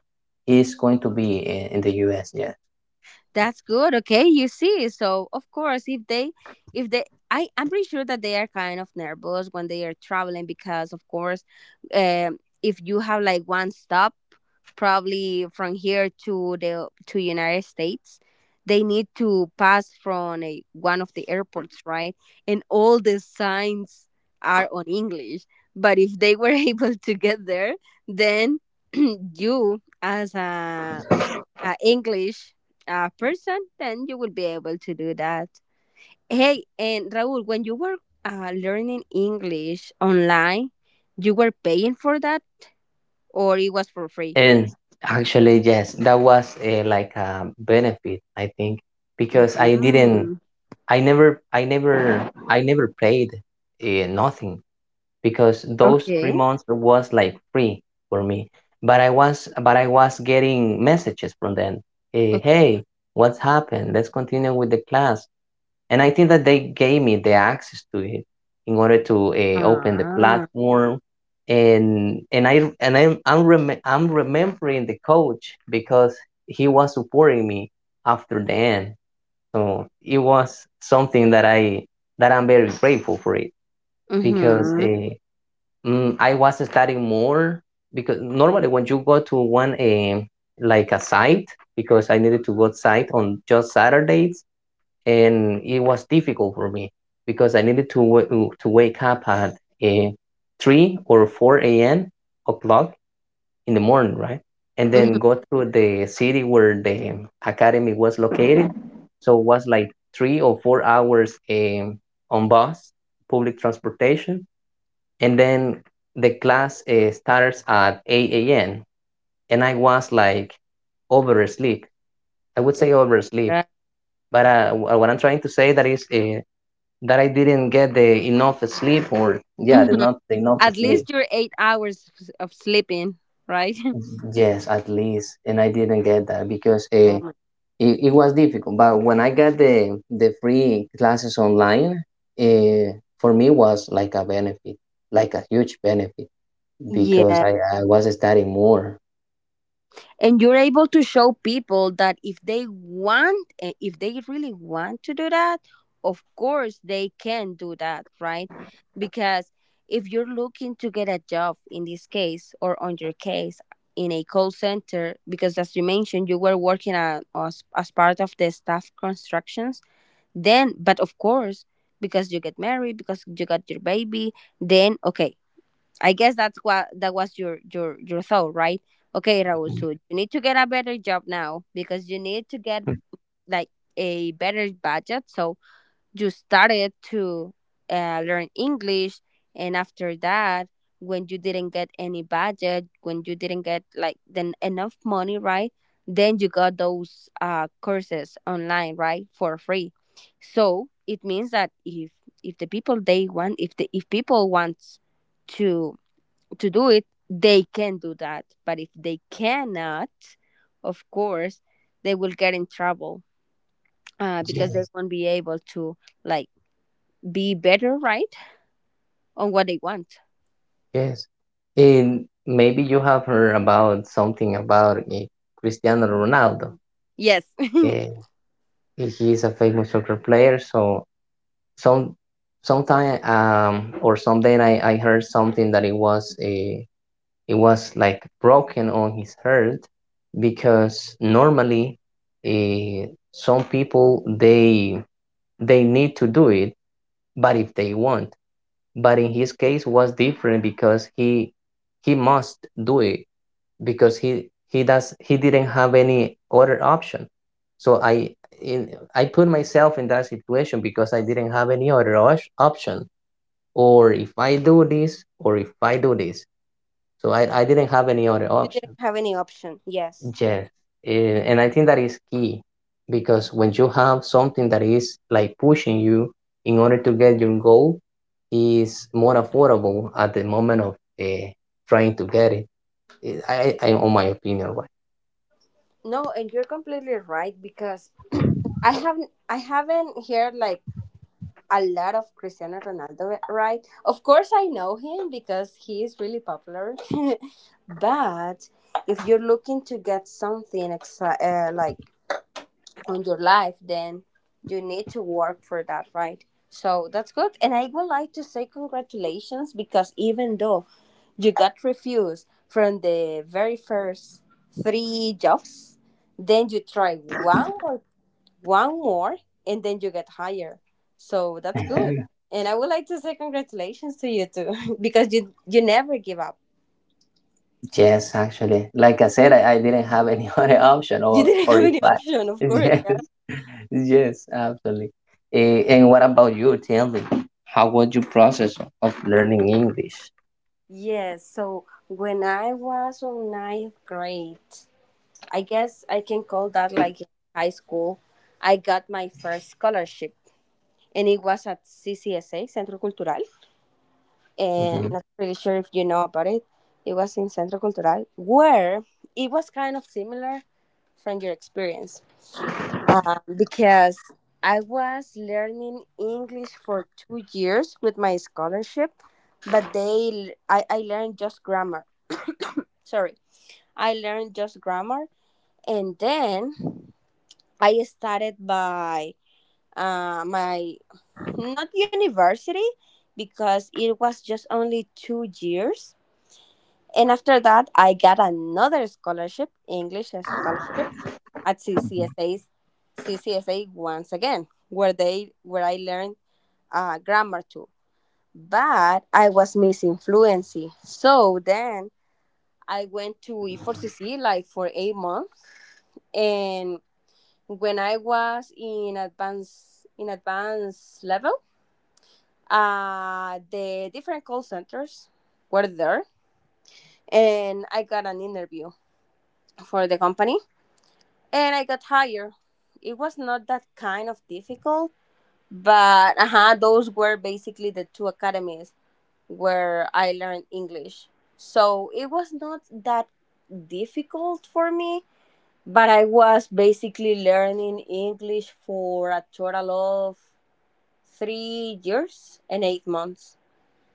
S2: it's going to be in the U.S. Yes.
S1: That's good. Okay, you see. So of course, if they, I, I'm pretty sure that they are kind of nervous when they are traveling, because of course, if you have like one stop, probably from here to United States, they need to pass from one of the airports, right? And all the signs are on English. But if they were <laughs> able to get there, then <clears throat> you as a English person, then you will be able to do that. Hey, and Raul, when you were learning English online, you were paying for that, or it was for free?
S2: And actually, yes, that was a, like a benefit, I think, because I didn't,
S1: Mm-hmm.
S2: I never paid nothing, because those three
S1: Okay.
S2: months was like free for me. But I was getting messages from them.
S1: Okay.
S2: Hey, what's happened? Let's continue with the class. And I think that they gave me the access to it in order to open the
S1: Ah.
S2: platform. And I'm remembering the coach, because he was supporting me after the end. So it was something that I'm very grateful for it, because
S1: Mm-hmm.
S2: mhm, I was studying more. Because normally when you go to one like a site, because I needed to go outside on just Saturdays, and it was difficult for me because I needed to to wake up at uh, three or four a.m. o'clock in the morning, right? And
S1: Mm-hmm.
S2: then go through the city where the academy was located. So it was like 3 or 4 hours on bus, public transportation, and then the class starts at eight a.m. and I was like oversleep. I would say oversleep,
S1: Yeah.
S2: but what I'm trying to say that is that I didn't get the enough sleep, or yeah, the
S1: Mhm.
S2: not the enough
S1: At
S2: sleep.
S1: least your 8 hours of sleeping, right? <laughs>
S2: Yes, at least, and I didn't get that because
S1: Oh my-
S2: it was difficult. But when I got the free classes online, for me was like a benefit, like a huge benefit, because
S1: Yeah.
S2: I was studying more.
S1: And you're able to show people that if they really want to do that, of course they can do that, right? Because if you're looking to get a job, in this case, or on your case, in a call center, because as you mentioned, you were working as part of the staff constructions, then, but of course, because you get married, because you got your baby, then, okay, I guess that was your thought, right? Okay, Raul, so you need to get a better job now, because you need to get like a better budget. So you started to learn English, and after that, when you didn't get any budget, when you didn't get like then enough money, right? Then you got those courses online, right, for free. So it means that if the people they want, if people wants to to do it, they can do that. But if they cannot, of course, they will get in trouble, because they
S2: Yes,
S1: won't be able to like be better, right, on what they want.
S2: yes. And maybe you have heard about something about Cristiano Ronaldo.
S1: Yes, <laughs>
S2: Eh, he is a famous soccer player. So some sometime or someday I heard something, that it was a, it was like broken on his heart, because normally eh, some people, they need to do it but if they want, but in his case was different, because he must do it, because he does he didn't have any other option. So I put myself in that situation, because I didn't have any other option. Or if I do this, or if I do this. So I didn't have any other
S1: you didn't
S2: option.
S1: have any option. Yes,
S2: Yes. And I think that is key, because when you have something that is like pushing you in order to get your goal, is more affordable at the moment of uh, trying to get it. On my opinion, right?
S1: no, and you're completely right, because <clears throat> I haven't heard like a lot of Cristiano Ronaldo, right? Of course, I know him because he is really popular. <laughs> But if you're looking to get something like on your life, then you need to work for that, right? So that's good. And I would like to say congratulations, because even though you got refused from the very first three jobs, then you try one more and then you get higher. So that's good, and I would like to say congratulations to you too, <laughs> because you never give up.
S2: Yes, actually, like I said, I didn't have any <laughs> other option,
S1: <laughs> You didn't
S2: or
S1: have
S2: if
S1: any
S2: I,
S1: option,
S2: <laughs>
S1: of course.
S2: yes,
S1: Yeah,
S2: <laughs> yes, absolutely. And what about you? Tell me, how was your process of learning English?
S1: yes. So when I was on ninth grade, I guess I can call that like high school, I got my first scholarship, and it was at CCSA Centro Cultural, and
S2: Mhm,
S1: not really sure if you know about it. It was in Centro Cultural, where it was kind of similar from your experience, because I was learning English for 2 years with my scholarship, but I learned just grammar. Sorry, I learned just grammar, and then I started by my not university, because it was just only 2 years. And after that, I got another scholarship, English scholarship, at CCSA, CCSA once again, where I learned grammar too. But I was missing fluency. So then I went to E4CC like for 8 months, and when I was in advanced level, the different call centers were there, and I got an interview for the company, and I got hired. It was not that kind of difficult, but, uh-huh, those were basically the two academies where I learned English. So it was not that difficult for me, but I was basically learning English for a total of 3 years and 8 months,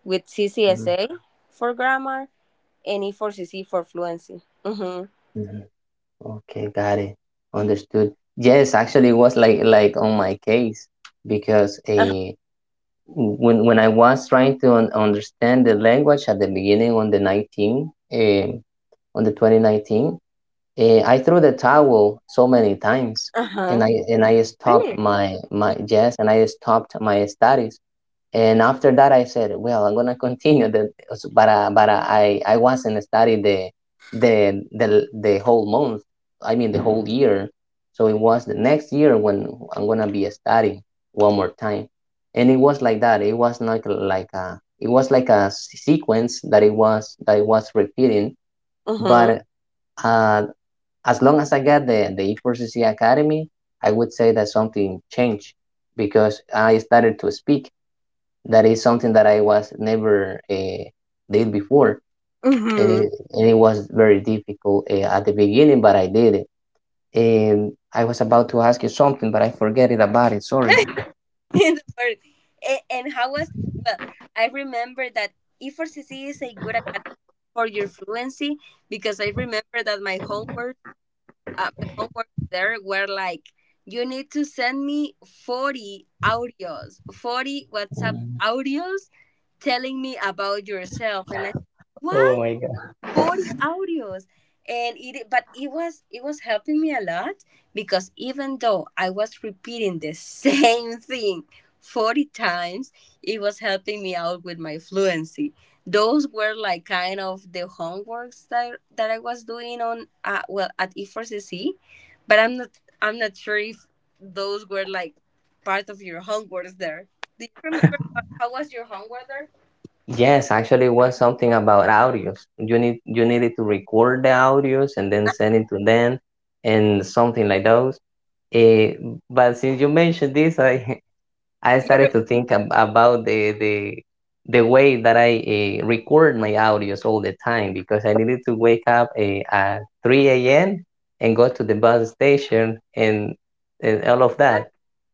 S1: with
S2: mhm,
S1: CCSA for grammar and E4CC for fluency. Mm-hmm.
S2: mhm. Okay, got it. Understood. Yes, actually, it was like on my case, because
S1: Uh-huh.
S2: a when I was trying to un understand the language at the beginning on the 19 on the 2019, I threw the towel so many times, and
S1: Uh-huh.
S2: I stopped
S1: Really?
S2: my my yes and I stopped my studies. And after that, I said, well, I'm gonna <laughs> continue the, but I wasn't studying the the whole month. I mean the whole year. So it was the next year when I'm gonna be studying one more time. And it was like that. It was not like a, it was like a sequence that it was repeating.
S1: Mm-hmm.
S2: But uh, as long as I got the E4CC Academy, I would say that something changed, because I started to speak, that is something that I was never did before, and
S1: Mm-hmm.
S2: it was very difficult at the beginning, but I did it. And I was about to ask you something, but I forget it about it. Sorry.
S1: <laughs> In the world. And how was, well? I remember that E4CC is a good academy for your fluency, because I remember that my homework there were like, you need to send me 40 audios, 40 WhatsApp
S2: Mm.
S1: audios telling me about yourself, and I,
S2: Oh
S1: what?
S2: my god.
S1: 40 audios, and it, but it was helping me a lot, because even though I was repeating the <laughs> same thing 40 times, it was helping me out with my fluency. Those were like kind of the homeworks that I was doing on well, at E4CC. But I'm not sure if those were like part of your homeworks there. Do you remember how was your homework there?
S2: Yes, actually, it was something about audios. You need, you needed to record the audios and then send it to them, and something like those. Eh, but since you mentioned this, I <laughs> I
S1: You
S2: started to think about the the way that I record my audios all the time, because I needed to wake up at 3 a.m. and go to the bus station and all of that.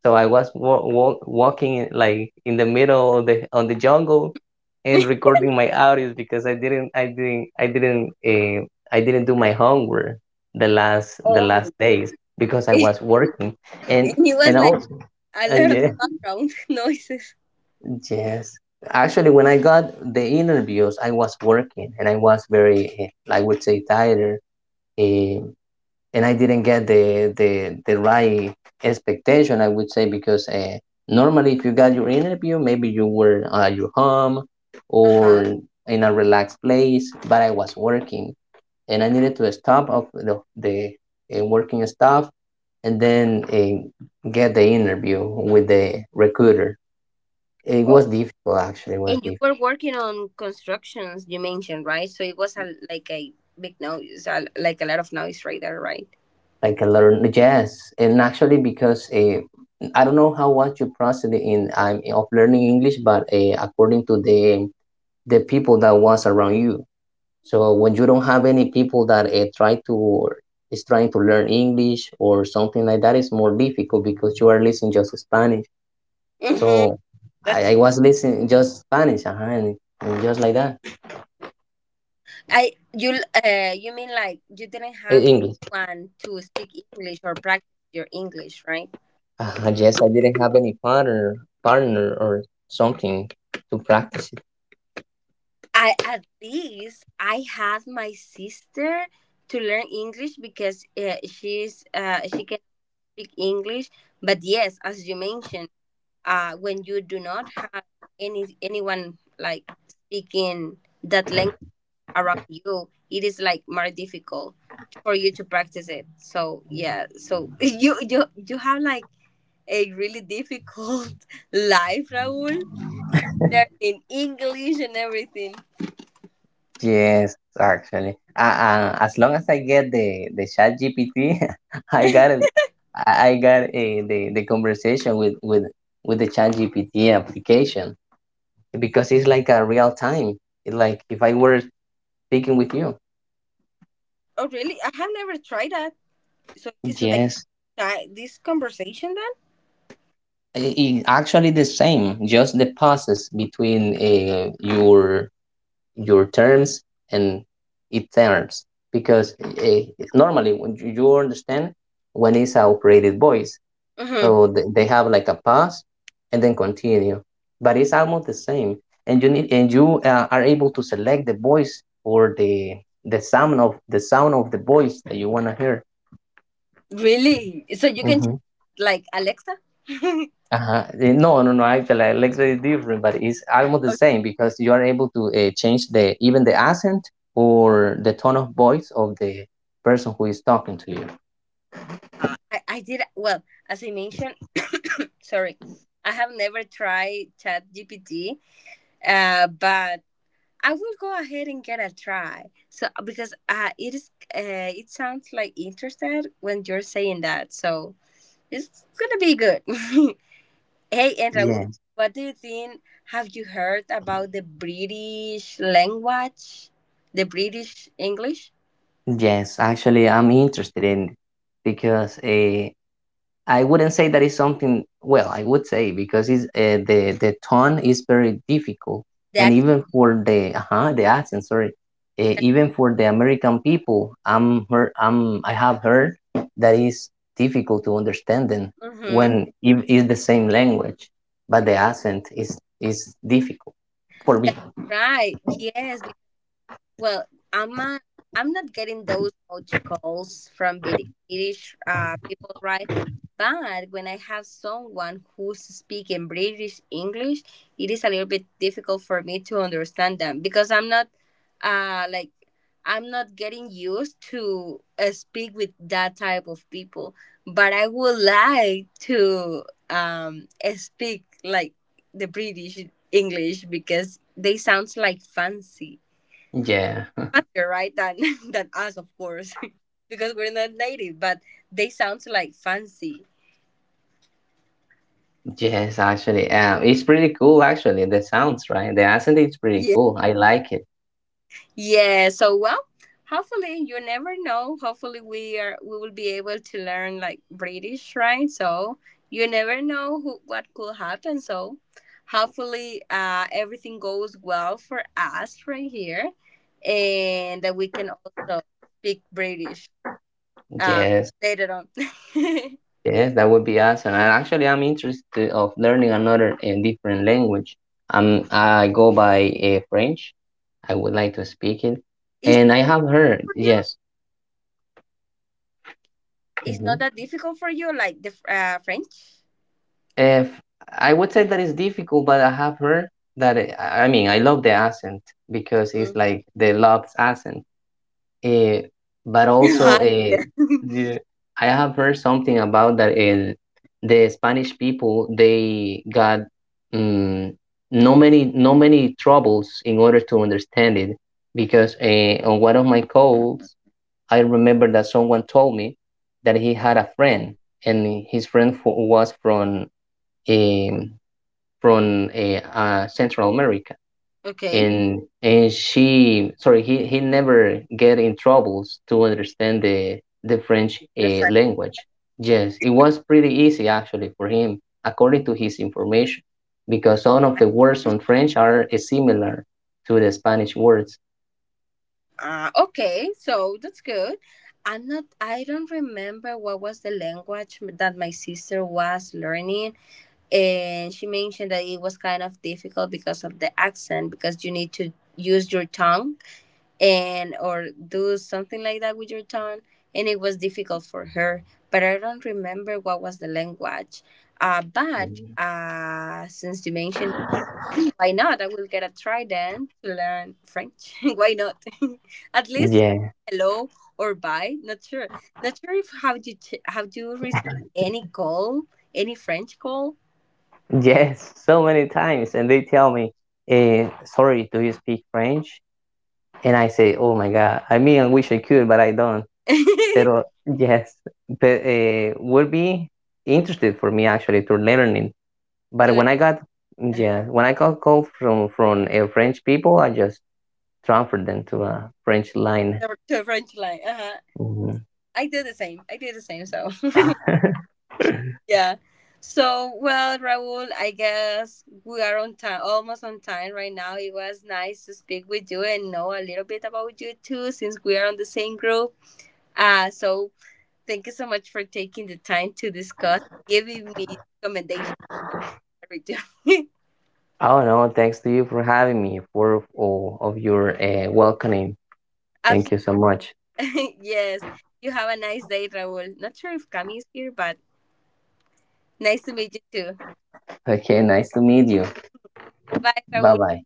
S2: So I was walking in, like in the middle of the on the jungle, and
S1: remember?
S2: recording my audios, because I didn't do my homework the last,
S1: <laughs>
S2: the last
S1: Oh.
S2: days, because I was
S1: <laughs>
S2: working and
S1: And it was
S2: and
S1: like
S2: also,
S1: a
S2: and
S1: lot of
S2: yeah.
S1: background <laughs> noises.
S2: Yes. Actually, when I got the interviews, I was working and I was very, I would say, tired. eh, and I didn't get the right expectation, I would say, because normally if you got your interview, maybe you were at your home
S1: Uh huh.
S2: or in a relaxed place, but I was working and I needed to stop of the working stuff, and then get the interview with the recruiter. It
S1: Oh,
S2: was difficult, actually, it was
S1: and you
S2: difficult.
S1: were working on constructions you mentioned, right? So it was like a big noise, like a lot of noise right there, right?
S2: Like, I can learn the jazz, and actually, because I don't know how much you process in I'm of learning English, but according to the people that was around you. So when you don't have any people that try to or is trying to learn English or something like that, it's more difficult, because you are listening just Spanish.
S1: Mm-hmm.
S2: So
S1: That's
S2: I was listening just Spanish, and just like that.
S1: I you You mean like you didn't have
S2: English.
S1: anyone to speak English or practice your English, right?
S2: Yes, I didn't have any partner or something to practice.
S1: I At least I had my sister to learn English, because she can speak English. But yes, as you mentioned, when you do not have anyone like speaking that language around you, it is like more difficult for you to practice it. So yeah, so <laughs> you have like a really difficult <laughs> life, Raul, learning English and everything.
S2: Yes, actually. As long as I get the chat GPT, <laughs> I got it. I got the conversation with the chat GPT application, because it's like a real time. It's like if I were speaking with you.
S1: Oh really? I have never tried that. So it's like
S2: Yes,
S1: this conversation
S2: actually the same. Just the pauses between your terms and its terms, because normally when you understand when it's a operated voice.
S1: then. Mm-hmm.
S2: So th- they have like a pause and then continue, but it's almost the same. And you need, and you are able to select the voice or the sound of the sound of the voice that you wanna hear.
S1: Really? So you can
S2: Mm-hmm.
S1: change like Alexa. <laughs> Okay.
S2: Uh-huh. No, no, no. Actually, I like different, but it's almost the same, because you are able to change the even the accent or the tone of voice of the person who is talking to you.
S1: I did well, as I mentioned. <coughs> Sorry, I have never tried ChatGPT. But I will go ahead and get a try. So because it sounds like interested when you're saying that, so it's gonna be good. <laughs> Hey, and Raul,
S2: Yes.
S1: what do you think? Have you heard about the British language, the British English?
S2: Yes, actually, I'm interested in, because I wouldn't say that is something. Well, I would say, because it's, the tone is very difficult,
S1: The
S2: and
S1: accent.
S2: even for the accent, sorry, even for the American people, I'm heard, I have heard that is difficult to understand them
S1: Mm-hmm.
S2: when it is the same language, but the accent is difficult for me.
S1: That's right. Yes, well, I'm uh, I'm not getting those much calls from British people, right? But when I have someone who's speaking British English, it is a little bit difficult for me to understand them, because I'm not, like, I'm not getting used to speak with that type of people. But I would like to um speak like the British English, because they sounds like fancy
S2: Yeah,
S1: faster, right? Than <laughs> than us, of course, <laughs> because we're not native. But they sound like fancy.
S2: yes, actually, it's pretty cool. Actually, the sounds right, the accent is pretty
S1: Yeah.
S2: cool. I like it.
S1: Yeah. So, well, hopefully, you never know. Hopefully we will be able to learn like British, right? So you never know what could happen. So hopefully everything goes well for us right here, and that we can also speak British uh,
S2: Yes.
S1: later on. <laughs>
S2: Yes, that would be awesome. And actually, I'm interested of learning another and different language. I go by French. I would like to speak it,
S1: Is that
S2: and I have heard,
S1: for you?
S2: yes.
S1: It's not
S2: Mhm.
S1: that difficult for you, like the French.
S2: If I would say that it's difficult, but I have heard that it, I mean I love the accent, because it's
S1: Mm. <laughs>
S2: like the Lop's accent. Eh, but also,
S1: Yeah.
S2: the, I have heard something about that in the Spanish people they got mm, no many, no many troubles in order to understand it, because on one of my calls I remember that someone told me that he had a friend, and his friend was from um, Central America,
S1: Okay.
S2: and he never get in troubles to understand the french
S1: The French.
S2: language. Yes, it was pretty easy actually for him, according to his information, because some of the words on french are similar to the spanish words.
S1: Okay, so that's good. I'm not. I don't remember what was the language that my sister was learning, and she mentioned that it was kind of difficult because of the accent, because you need to use your tongue and or do something like that with your tongue, and it was difficult for her. But I don't remember what was the language. But
S2: Mhm.
S1: uh, since you mentioned, why not? I will get a try then to learn French. <laughs> Why not? <laughs> At least say
S2: Yeah,
S1: hello or bye. Not sure if how you have you received any call, any French call,
S2: yes, so many times, and they tell me, "Sorry, do you speak French?" And I say, "Oh my God, I mean, I wish I could, but I don't."
S1: <laughs> to
S2: Pero yes, but would be interested for me actually to learning. But
S1: learn
S2: when I got,
S1: uh,
S2: yeah, when I got called from French people, I just transferred them to a French line.
S1: to French line. Uh-huh.
S2: Mhm.
S1: I do the same. I do the same, so.
S2: <laughs>
S1: Yeah. So, well, Raul, I guess we are on time, almost on time right now. It was nice to speak with you and know a little bit about you too, since we are on the same group. So thank you so much for taking the time to discuss, giving me recommendations, everything. <laughs>
S2: Oh no, thanks to you for having me, for all of your welcoming. Thank
S1: Absolutely.
S2: you so much.
S1: <laughs> Yes. You have a nice day, Raul. Not sure if Cami is here, but nice to meet you too.
S2: Okay, nice to meet you.
S1: Bye,
S2: Bye
S1: Raul.
S2: bye.